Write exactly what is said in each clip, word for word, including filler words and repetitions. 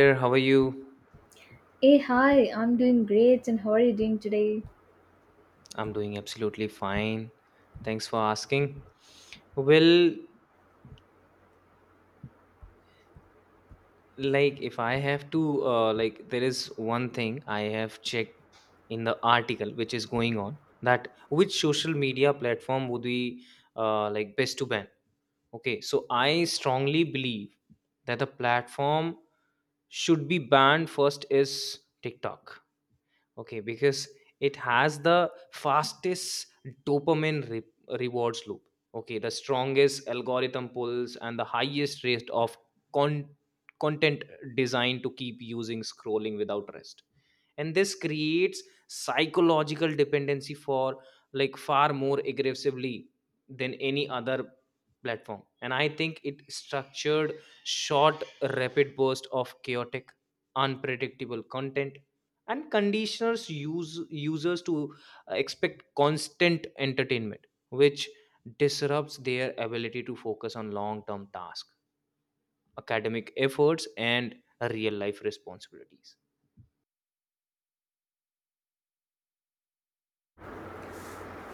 There, how are you? Hey, hi, I'm doing great, and how are you doing today? I'm doing absolutely fine. Thanks for asking. Well, like if I have to, uh, like there is one thing I have checked in the article which is going on, that which social media platform would be uh, like best to ban. Okay, so I strongly believe that the platform should be banned first is TikTok. Okay, because it has the fastest dopamine re- rewards loop. Okay, the strongest algorithm pulls and the highest rate of con- content designed to keep using scrolling without rest. And this creates psychological dependency for like far more aggressively than any other platform. And I think it structured short, rapid burst of chaotic, unpredictable content and conditioners use users to uh, expect constant entertainment which disrupts their ability to focus on long term tasks, academic efforts and real life responsibilities.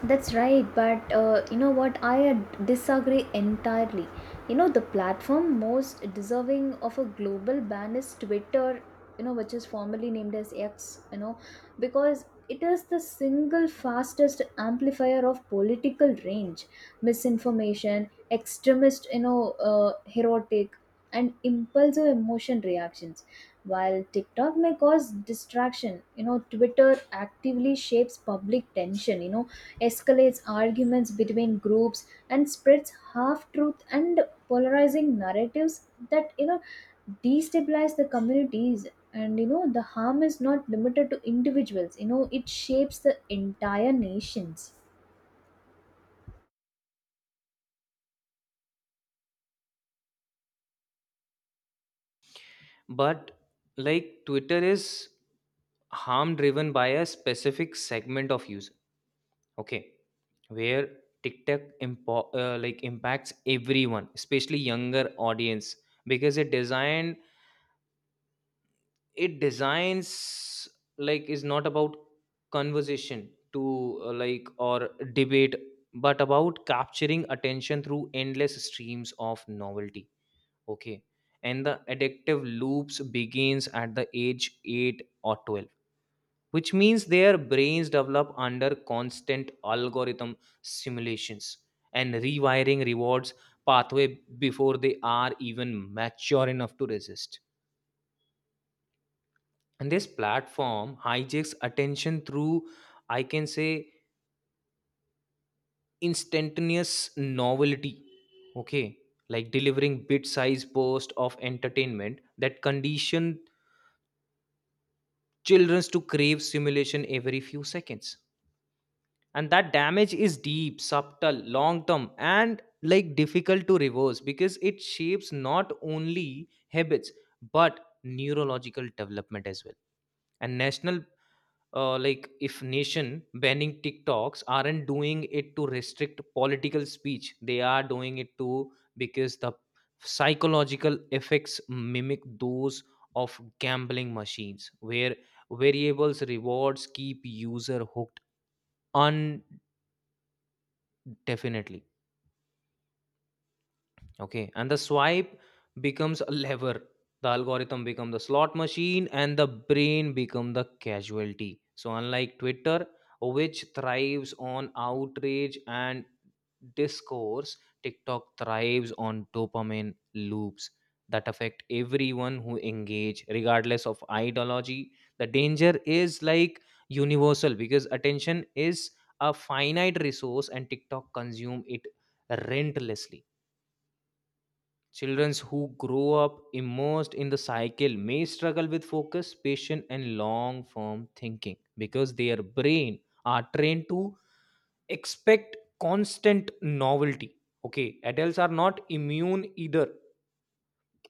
That's right, but uh, you know what? I ad- disagree entirely. You know, the platform most deserving of a global ban is Twitter, you know, which is formerly named as X, you know, because it is the single fastest amplifier of political range, misinformation, extremist, you know, uh, heroic, and impulsive emotion reactions. While TikTok may cause distraction, you know, Twitter actively shapes public tension, you know, escalates arguments between groups and spreads half truth and polarizing narratives that, you know, destabilize the communities. And you know the harm is not limited to individuals, you know it shapes the entire nations. But like Twitter is harm driven by a specific segment of user, okay, where TikTok impo- uh, like impacts everyone, especially younger audience, because it designed, it designs, like is not about conversation to uh, like or debate but about capturing attention through endless streams of novelty. Okay, and the addictive loops begins at the age eight or twelve, which means their brains develop under constant algorithm simulations and rewiring rewards pathway before they are even mature enough to resist. And this platform hijacks attention through, I can say, instantaneous novelty. Okay, like delivering bit size burst of entertainment that condition childrens to crave simulation every few seconds. And that damage is deep, subtle, long term, and like difficult to reverse because it shapes not only habits but neurological development as well. And national, uh, like if nation banning TikToks aren't doing it to restrict political speech, they are doing it to, because the psychological effects mimic those of gambling machines where variables rewards keep user hooked indefinitely. Okay, and the swipe becomes a lever. The algorithm become the slot machine, and the brain become the casualty. So unlike Twitter, which thrives on outrage and discourse, TikTok thrives on dopamine loops that affect everyone who engage, regardless of ideology. The danger is like universal because attention is a finite resource, and TikTok consume it relentlessly. Children who grow up immersed in the cycle may struggle with focus, patience, and long form thinking because their brain are trained to expect constant novelty. Okay, adults are not immune either,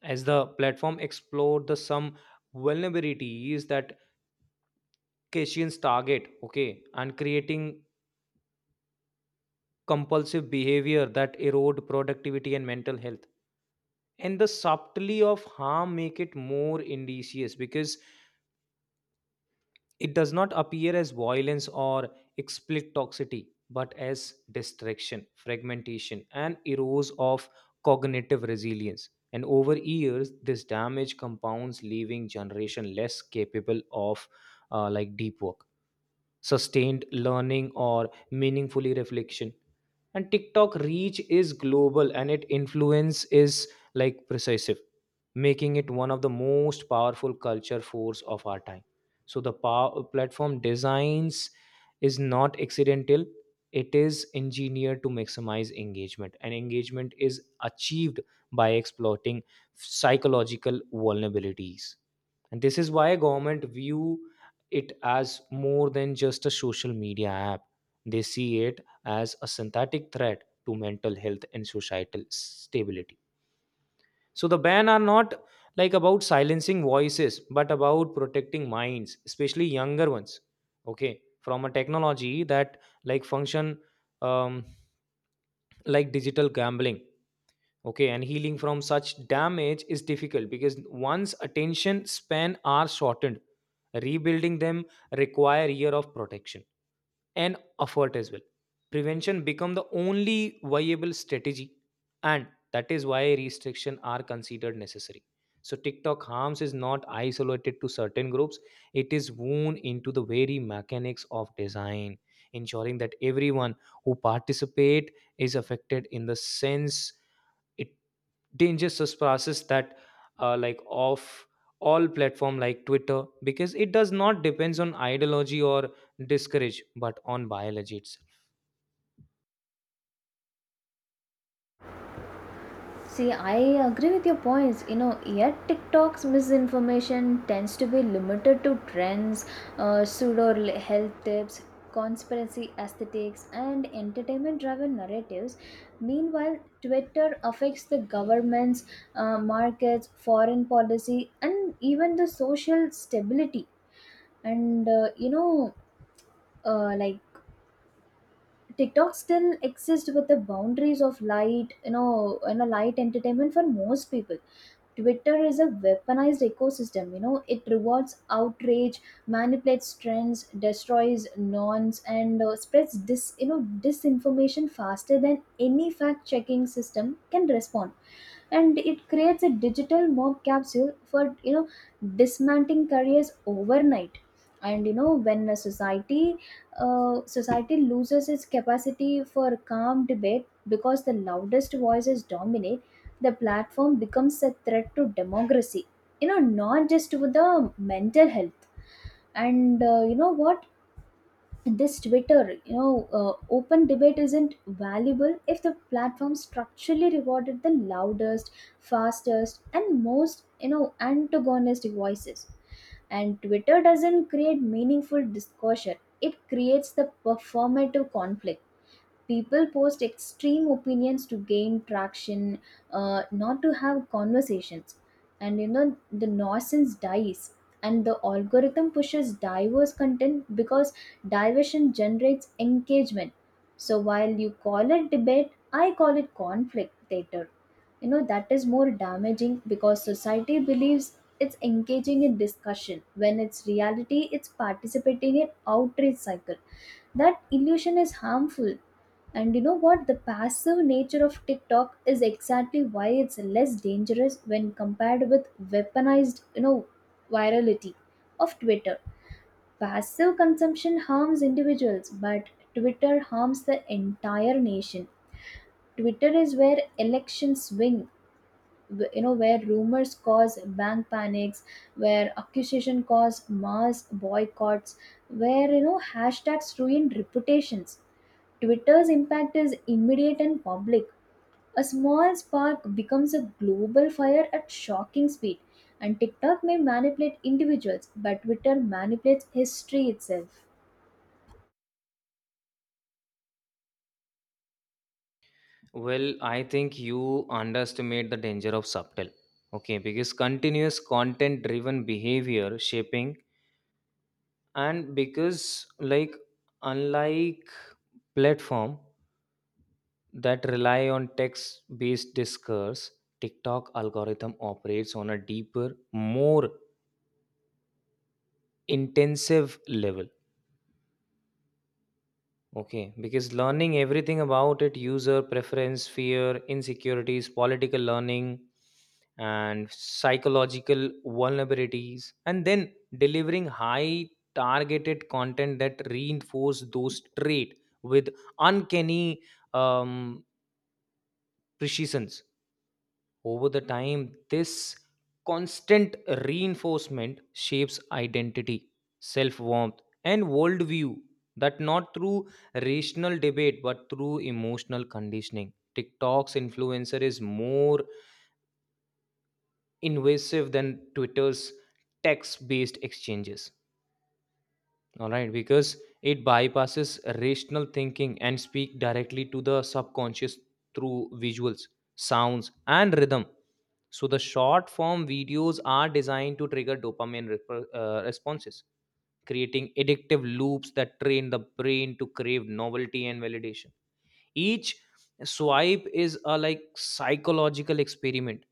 as the platform explored the some vulnerabilities that Cassians target. Okay, and creating compulsive behavior that erode productivity and mental health. And the subtlety of harm make it more indicious because it does not appear as violence or explicit toxicity, but as distraction, fragmentation, and erodes of cognitive resilience. And over years, this damage compounds, leaving generation less capable of uh, like deep work, sustained learning or meaningfully reflection. And TikTok reach is global and its influence is like precisive, making it one of the most powerful culture force of our time. So the power, platform designs is not accidental, it is engineered to maximize engagement, and engagement is achieved by exploiting psychological vulnerabilities. And this is why government view it as more than just a social media app. They see it as a synthetic threat to mental health and societal stability. So the ban are not like about silencing voices, but about protecting minds, especially younger ones. Okay, from a technology that like function um, like digital gambling. Okay, and healing from such damage is difficult because once attention span are shortened, rebuilding them require year of protection and effort as well. Prevention become the only viable strategy, and that is why restrictions are considered necessary. So TikTok harms is not isolated to certain groups; it is woven into the very mechanics of design, ensuring that everyone who participate is affected in the sense, it dangerous process that uh, like of all platform like Twitter because it does not depends on ideology or discourage but on biology itself. See, I agree with your points. You know, yet TikTok's misinformation tends to be limited to trends, uh, pseudo health tips, conspiracy aesthetics, and entertainment driven narratives. Meanwhile, Twitter affects the governments, uh, markets, foreign policy, and even the social stability. And, uh, you know, uh, like TikTok still exists with the boundaries of light, you know, you know, light entertainment for most people. Twitter is a weaponized ecosystem. You know, it rewards outrage, manipulates trends, destroys norms, and uh, spreads dis you know disinformation faster than any fact checking system can respond. And it creates a digital mob capsule for, you know, dismantling careers overnight. And you know when a society, uh, society loses its capacity for calm debate because the loudest voices dominate, the platform becomes a threat to democracy, you know, not just to the mental health. And uh, you know what, this Twitter, you know, uh, open debate isn't valuable if the platform structurally rewarded the loudest, fastest, and most, you know, antagonistic voices. And Twitter doesn't create meaningful discussion; it creates the performative conflict. People post extreme opinions to gain traction, uh, not to have conversations. And you know the nonsense dies, and the algorithm pushes diverse content because diversion generates engagement. So while you call it debate, I call it conflict theater. You know that is more damaging because society believes it's engaging in discussion when it's reality it's participating in outrage cycle. That illusion is harmful. And you know what, the passive nature of TikTok is exactly why it's less dangerous when compared with weaponized, you know, virality of Twitter. Passive consumption harms individuals, but Twitter harms the entire nation. Twitter is where elections swing, w- you know, where rumors cause bank panics, where accusation cause mass boycotts, where, you know, hashtags ruin reputations. Twitter's impact is immediate and public. A small spark becomes a global fire at shocking speed. And TikTok may manipulate individuals, but Twitter manipulates history itself. Well, I think you underestimate the danger of subtle, okay, because continuous content driven behavior shaping, and because like, unlike platform that rely on text based discourse, TikTok algorithm operates on a deeper, more intensive level. Okay, because learning everything about it user preference, fear, insecurities, political learning, and psychological vulnerabilities, and then delivering high targeted content that reinforce those traits with uncanny um, precisions. Over the time, this constant reinforcement shapes identity, self warmth, and worldview, that not through rational debate but through emotional conditioning. TikTok's influencer is more invasive than Twitter's text based exchanges. All right, because it bypasses rational thinking and speak directly to the subconscious through visuals, sounds, and rhythm. So the short form videos are designed to trigger dopamine rep- uh, responses, creating addictive loops that train the brain to crave novelty and validation. Each swipe is a like psychological experiment,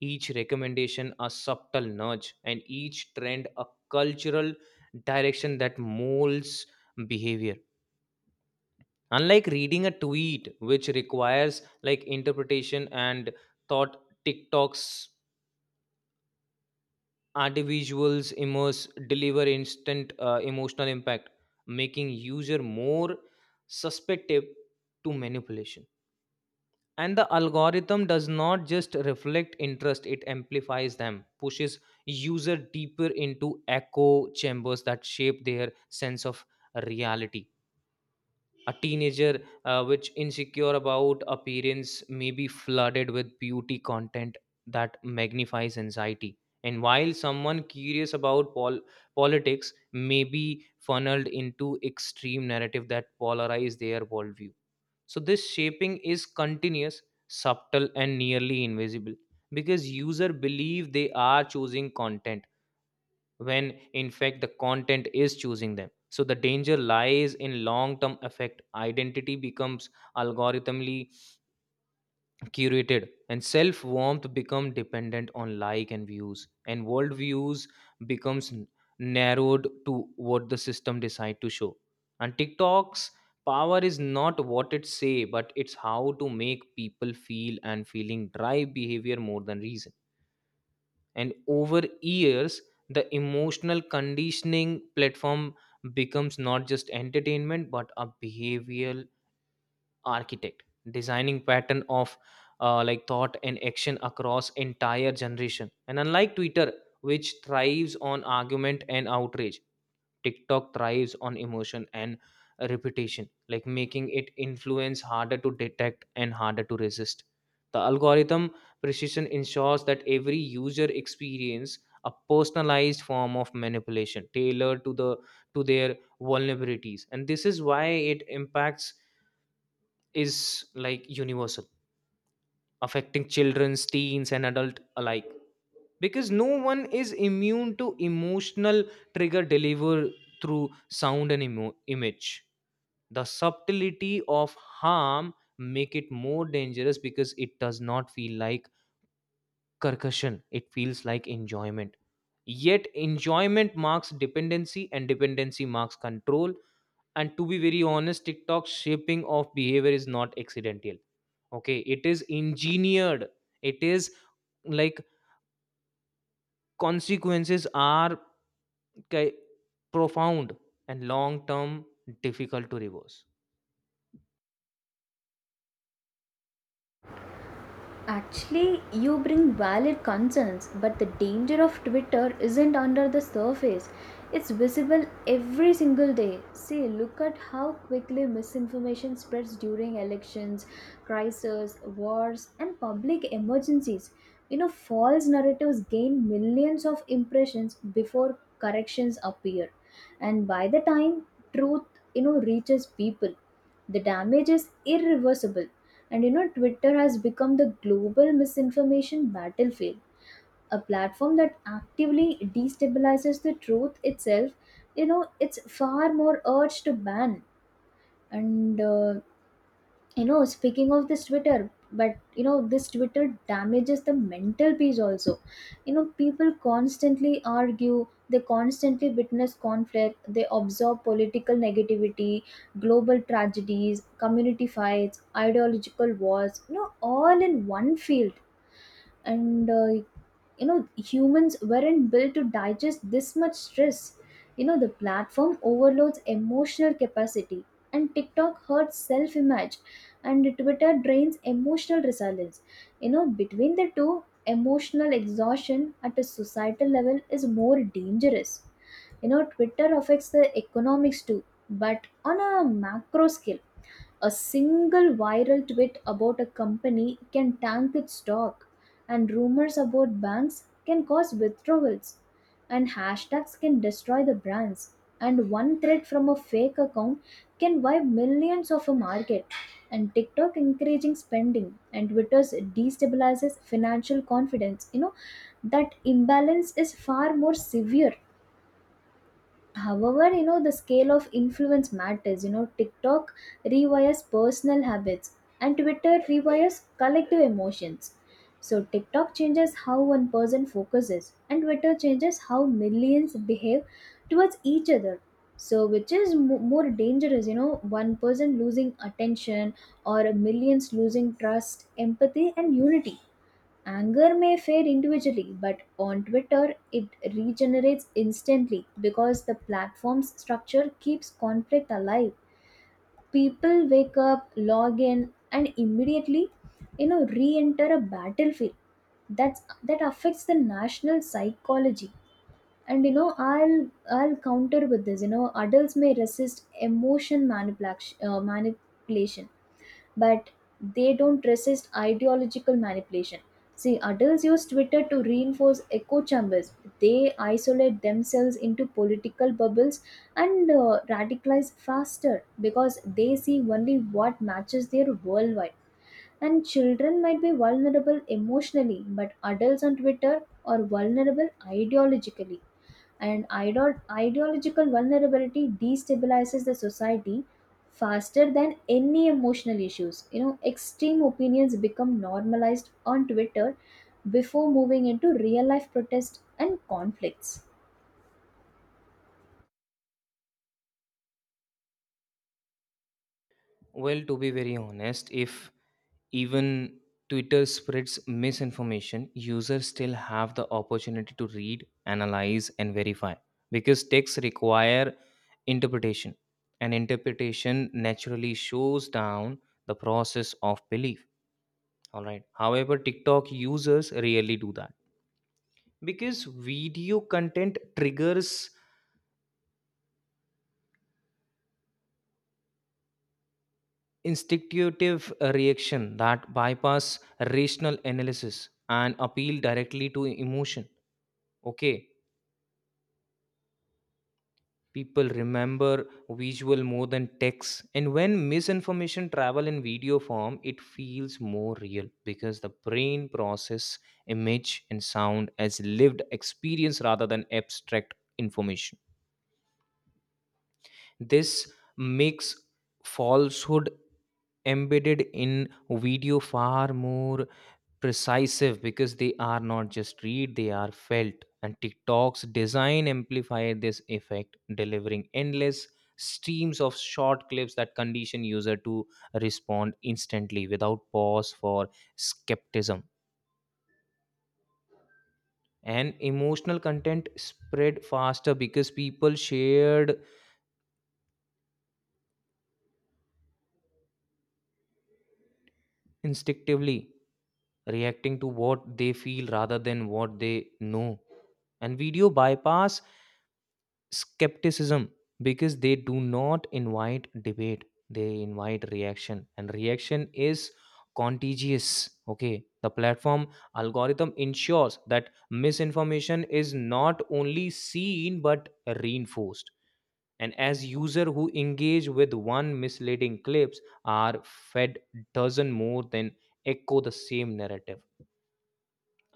each recommendation a subtle nudge, and each trend a cultural direction that molds behavior. Unlike reading a tweet, which requires like interpretation and thought, TikToks Artivisuals immerse deliver instant uh, emotional impact, making user more susceptible to manipulation. And the algorithm does not just reflect interest; it amplifies them, pushes user deeper into echo chambers that shape their sense of reality. A teenager uh, which insecure about appearance may be flooded with beauty content that magnifies anxiety, and while someone curious about pol- politics may be funneled into extreme narrative that polarize their worldview. So this shaping is continuous, subtle and nearly invisible because user believe they are choosing content when in fact the content is choosing them. So the danger lies in long term effect, identity becomes algorithmically curated, and self warmth become dependent on like and views, and worldviews becomes n- narrowed to what the system decide to show. And TikTok's power is not what it say but it's how to make people feel, and feeling drive behavior more than reason. And over years, the emotional conditioning platform becomes not just entertainment but a behavioral architect, designing pattern of uh, like thought and action across entire generation. And unlike Twitter, which thrives on argument and outrage, TikTok thrives on emotion and repetition, like making it influence harder to detect and harder to resist. The algorithm precision ensures that every user experience a personalized form of manipulation tailored to the to their vulnerabilities, and this is why it impacts is like universal, affecting children, teens and adult alike because no one is immune to emotional trigger delivered through sound and emo- image. The subtlety of harm make it more dangerous because it does not feel like concussion, it feels like enjoyment, yet enjoyment marks dependency and dependency marks control. And to be very honest, TikTok's shaping of behavior is not accidental, okay, it is engineered, it is like consequences are ki- profound and long term, difficult to reverse. Actually, you bring valid concerns, but the danger of Twitter isn't under the surface. It's visible every single day. See, look at how quickly misinformation spreads during elections, crises, wars, and public emergencies. You know, false narratives gain millions of impressions before corrections appear. And by the time truth, you know, reaches people, the damage is irreversible. And you know, Twitter has become the global misinformation battlefield, a platform that actively destabilizes the truth itself. You know, it's far more urged to ban. And uh, you know, speaking of this Twitter, but you know this Twitter damages the mental peace also. You know people constantly argue, they constantly witness conflict, they absorb political negativity, global tragedies, community fights, ideological wars, you know, all in one field. And uh, you know humans weren't built to digest this much stress. You know the platform overloads emotional capacity. And TikTok hurts self image, and Twitter drains emotional resilience. You know between the two, emotional exhaustion at a societal level is more dangerous. You know Twitter affects the economics too, but on a macro scale. A single viral tweet about a company can tank its stock, and rumors about banks can cause withdrawals, and hashtags can destroy the brands, and one thread from a fake account can wipe millions of a market. And TikTok encouraging spending, and Twitter's destabilizes financial confidence. You know that imbalance is far more severe. However, you know, the scale of influence matters. You know, TikTok rewires personal habits and Twitter rewires collective emotions. So, TikTok changes how one person focuses, and Twitter changes how millions behave towards each other. So, which is mo- more dangerous, you know, one person losing attention or millions losing trust, empathy, and unity. Anger may fade individually, but on Twitter it regenerates instantly because the platform's structure keeps conflict alive. People wake up, log in, and immediately, you know, re-enter a battlefield. That's that affects the national psychology. And you know, I'll I'll counter with this. You know, adults may resist emotion manipulation, uh, manipulation, but they don't resist ideological manipulation. See, adults use Twitter to reinforce echo chambers. They isolate themselves into political bubbles and uh, radicalize faster because they see only what matches their worldwide. And children might be vulnerable emotionally, but adults on Twitter are vulnerable ideologically. And idol- ideological vulnerability destabilizes the society faster than any emotional issues. You know, extreme opinions become normalized on Twitter before moving into real life protests and conflicts. Well, to be very honest, if even Twitter spreads misinformation, users still have the opportunity to read, analyze, and verify because texts require interpretation, and interpretation naturally shows down the process of belief. All right. However, TikTok users rarely do that because video content triggers instinctive uh, reaction that bypass rational analysis and appeal directly to emotion. Okay, people remember visual more than text, and when misinformation travel in video form, it feels more real because the brain process image and sound as lived experience rather than abstract information. This makes falsehood embedded in video far more precisive because they are not just read, they are felt. And TikTok's design amplify this effect, delivering endless streams of short clips that condition user to respond instantly without pause for skepticism. And emotional content spread faster because people shared instinctively, reacting to what they feel rather than what they know. And video bypass skepticism because they do not invite debate, they invite reaction, and reaction is contagious. Okay, the platform algorithm ensures that misinformation is not only seen but reinforced. And as user who engage with one misleading clips are fed dozen more, then echo the same narrative.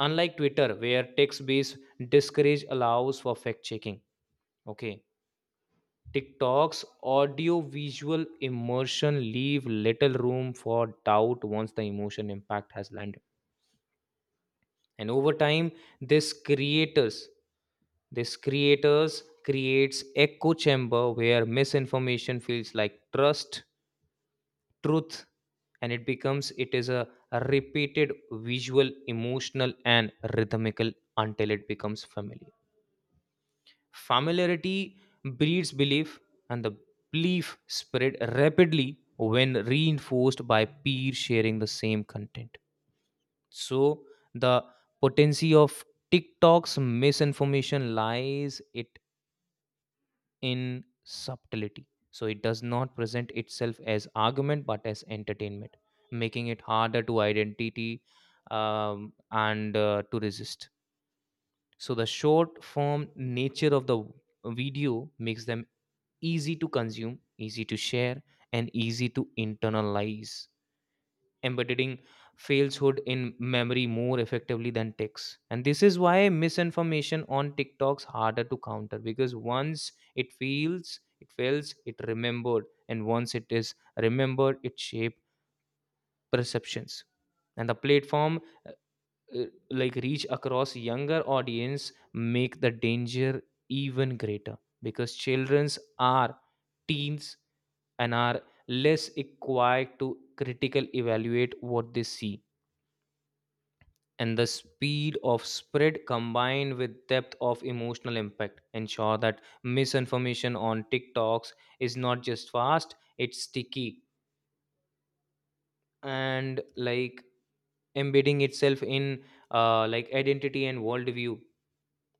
Unlike Twitter, where text based discourage allows for fact checking, okay, TikTok's audio visual immersion leave little room for doubt once the emotion impact has landed. And over time, this creators this creators creates echo chamber where misinformation feels like trust truth, and it becomes it is a repeated visual, emotional and rhythmical until it becomes familiar. Familiarity breeds belief, and the belief spread rapidly when reinforced by peers sharing the same content. So the potency of TikTok's misinformation lies it in subtlety. So it does not present itself as argument but as entertainment, making it harder to identity um, and uh, to resist. So the short form nature of the video makes them easy to consume, easy to share, and easy to internalize, embedding falsehood in memory more effectively than text. And this is why misinformation on TikTok's harder to counter because once it feels, it fails, it remembered, and once it is remembered, it shapes perceptions. And the platform uh, like reach across younger audience make the danger even greater because childrens are teens and are less equipped to critically evaluate what they see. And the speed of spread combined with depth of emotional impact ensure that misinformation on tiktoks is not just fast, it's sticky and like embedding itself in uh, like identity and worldview.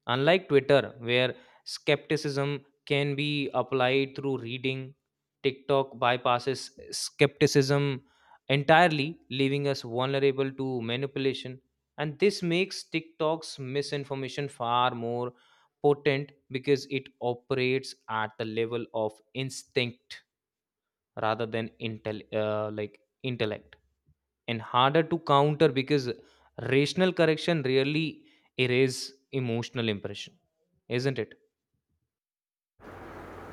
Unlike Twitter, where skepticism can be applied through reading, TikTok bypasses skepticism entirely, leaving us vulnerable to manipulation. And this makes TikTok's misinformation far more potent because it operates at the level of instinct rather than intel, uh, like intellect, and harder to counter because rational correction really erase emotional impression, isn't it?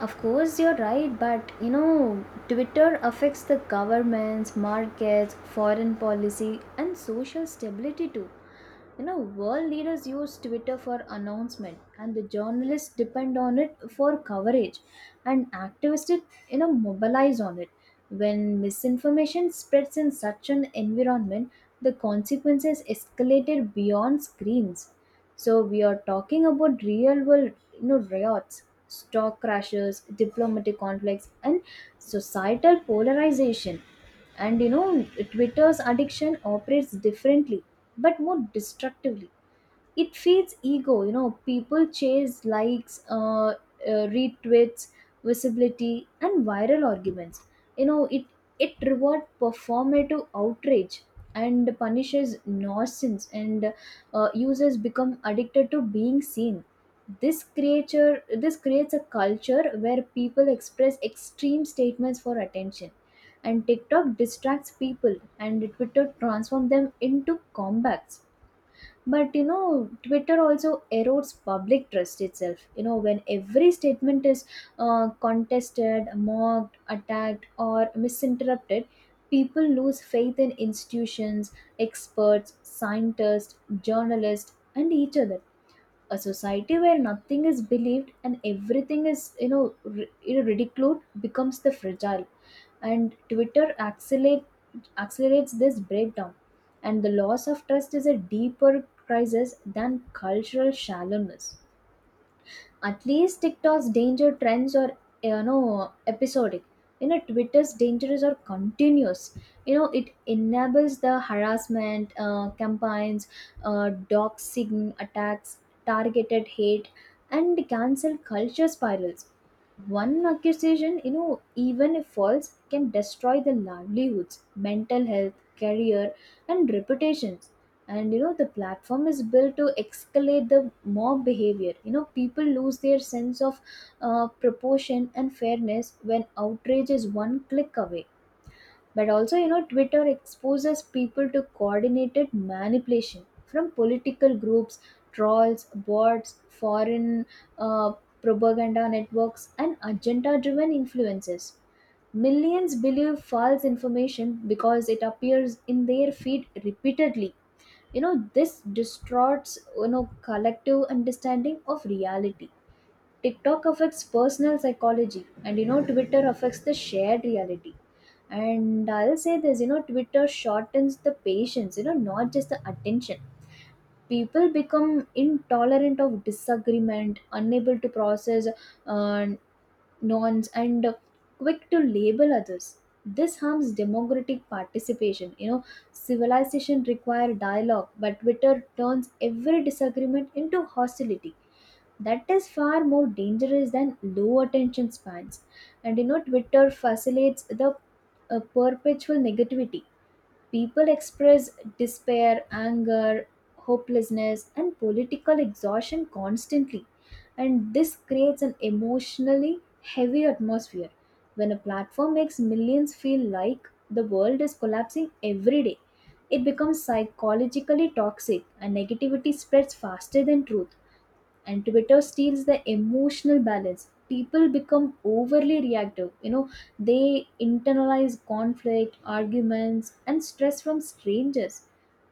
Of course, you're right, but you know, Twitter affects the governments, markets, foreign policy, and social stability too. You know, world leaders use Twitter for announcement, and the journalists depend on it for coverage, and activists, you know, mobilize on it. When misinformation spreads in such an environment, the consequences escalated beyond screens. So we are talking about real world, you know, riots, stock crashes, diplomatic conflicts and societal polarization. And you know Twitter's addiction operates differently, but more destructively. It feeds ego. You know people chase likes, uh, uh, retweets, visibility and viral arguments. You know it it rewards performative outrage and punishes nonsense, and uh, users become addicted to being seen. This creature, this creates a culture where people express extreme statements for attention, and TikTok distracts people, and Twitter transforms them into comebacks. But you know, Twitter also erodes public trust itself. You know, when every statement is uh, contested, mocked, attacked, or misinterpreted, people lose faith in institutions, experts, scientists, journalists, and each other. A society where nothing is believed and everything is, you know ri- you know, ridiculed becomes the fragile. And twitter accelerate, accelerates this breakdown. And the loss of trust is a deeper crisis than cultural shallowness. At least TikTok's danger trends are, you know, episodic. You know Twitter's dangers are continuous. You know it enables the harassment uh, campaigns, uh, doxing attacks, targeted hate, and cancel culture spirals. One accusation, you know, even if false, can destroy the livelihoods, mental health, career, and reputations. And you know, the platform is built to escalate the mob behavior. You know, people lose their sense of uh, proportion and fairness when outrage is one click away. But also, you know, Twitter exposes people to coordinated manipulation from political groups, trolls, bots, foreign uh, propaganda networks, and agenda driven influences. Millions believe false information because it appears in their feed repeatedly. You know, this distorts, you know, collective understanding of reality. TikTok affects personal psychology, and you know, Twitter affects the shared reality. And I'll say this, you know, Twitter shortens the patience, you know, not just the attention. People become intolerant of disagreement, unable to process uh, nonce, and quick to label others. This harms democratic participation. You know, civilization require dialogue, but Twitter turns every disagreement into hostility that is far more dangerous than low attention spans. And you know Twitter facilitates the, uh, perpetual negativity. People express despair, anger, hopelessness and political exhaustion constantly. And this creates an emotionally heavy atmosphere. When a platform makes millions feel like the world is collapsing every day, it becomes psychologically toxic, and negativity spreads faster than truth. And Twitter steals the emotional balance. People become overly reactive, you know, they internalize conflict, arguments and stress from strangers.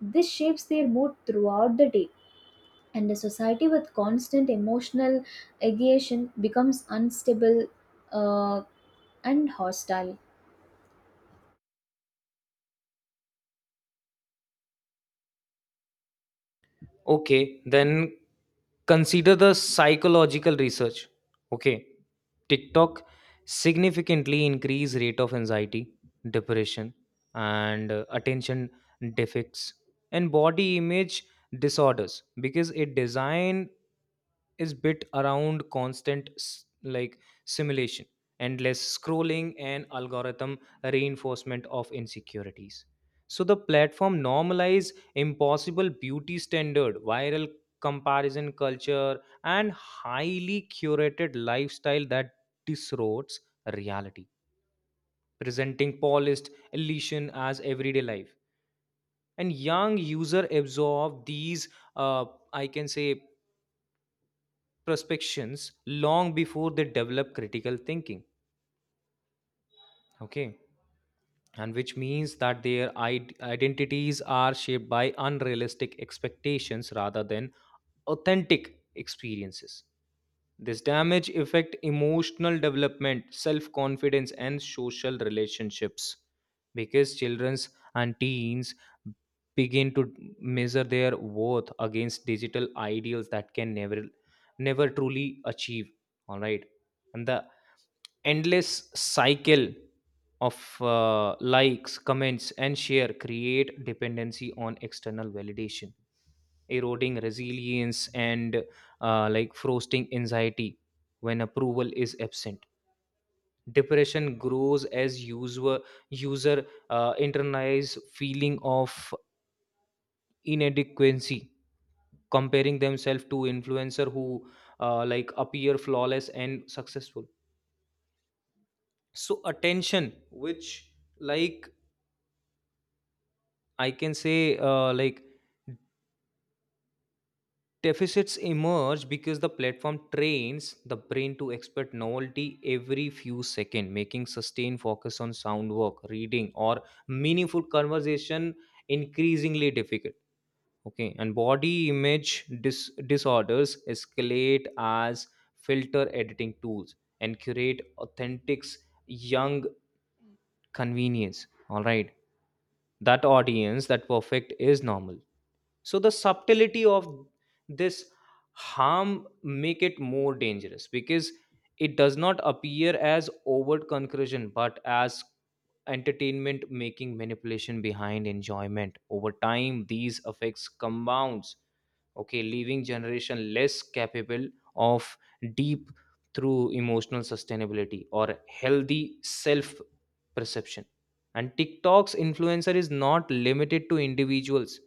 This shapes their mood throughout the day. And a society with constant emotional agitation becomes unstable, uh, and hostile. Okay, then consider the psychological research. Okay, TikTok significantly increase rate of anxiety, depression, and uh, attention defects and body image disorders because it design is bit around constant s- like simulation, endless scrolling and algorithm reinforcement of insecurities. So the platform normalize impossible beauty standard, viral comparison culture, and highly curated lifestyle that distorts reality, presenting polished elation as everyday life. And young user absorb these uh, I can say perspectives long before they develop critical thinking, okay, and which means that their id- identities are shaped by unrealistic expectations rather than authentic experiences. This damage affect emotional development, self-confidence and social relationships because childrens and teens begin to measure their worth against digital ideals that can never never truly achieve. All right, and the endless cycle of uh, likes, comments and share create dependency on external validation, eroding resilience and uh, like frosting anxiety. When approval is absent, depression grows as user user uh, internalize feeling of inadequacy, comparing themselves to influencer who uh, like appear flawless and successful. So attention which like, I can say, uh, like deficits emerge because the platform trains the brain to expect novelty every few seconds, making sustained focus on sound work, reading, or meaningful conversation increasingly difficult. Okay, and body image dis- disorders escalate as filter editing tools and curate authentic young convenience. All right, that audience, that perfect is normal. So the subtlety of this harm make it more dangerous because it does not appear as overt conclusion but as entertainment, making manipulation behind enjoyment. Over time these effects compounds, okay, leaving generation less capable of deep through emotional sustainability or healthy self perception. And TikTok's influencer is not limited to individuals,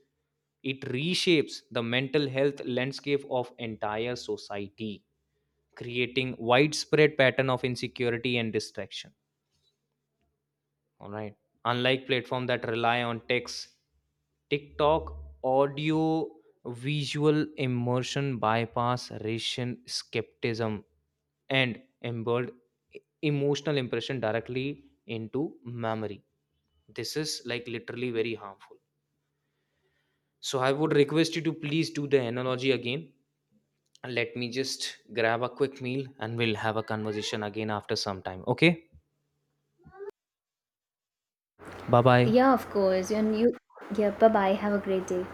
it reshapes the mental health landscape of entire society, creating widespread pattern of insecurity and distraction. All right, unlike platform that rely on text, TikTok audio visual immersion bypass racial skepticism and embed emotional impression directly into memory. This is like literally very harmful. So I would request you to please do the analogy again. Let me just grab a quick meal and we'll have a conversation again after some time. Okay? Bye bye. Yeah, of course, and you. Yeah, bye bye, have a great day.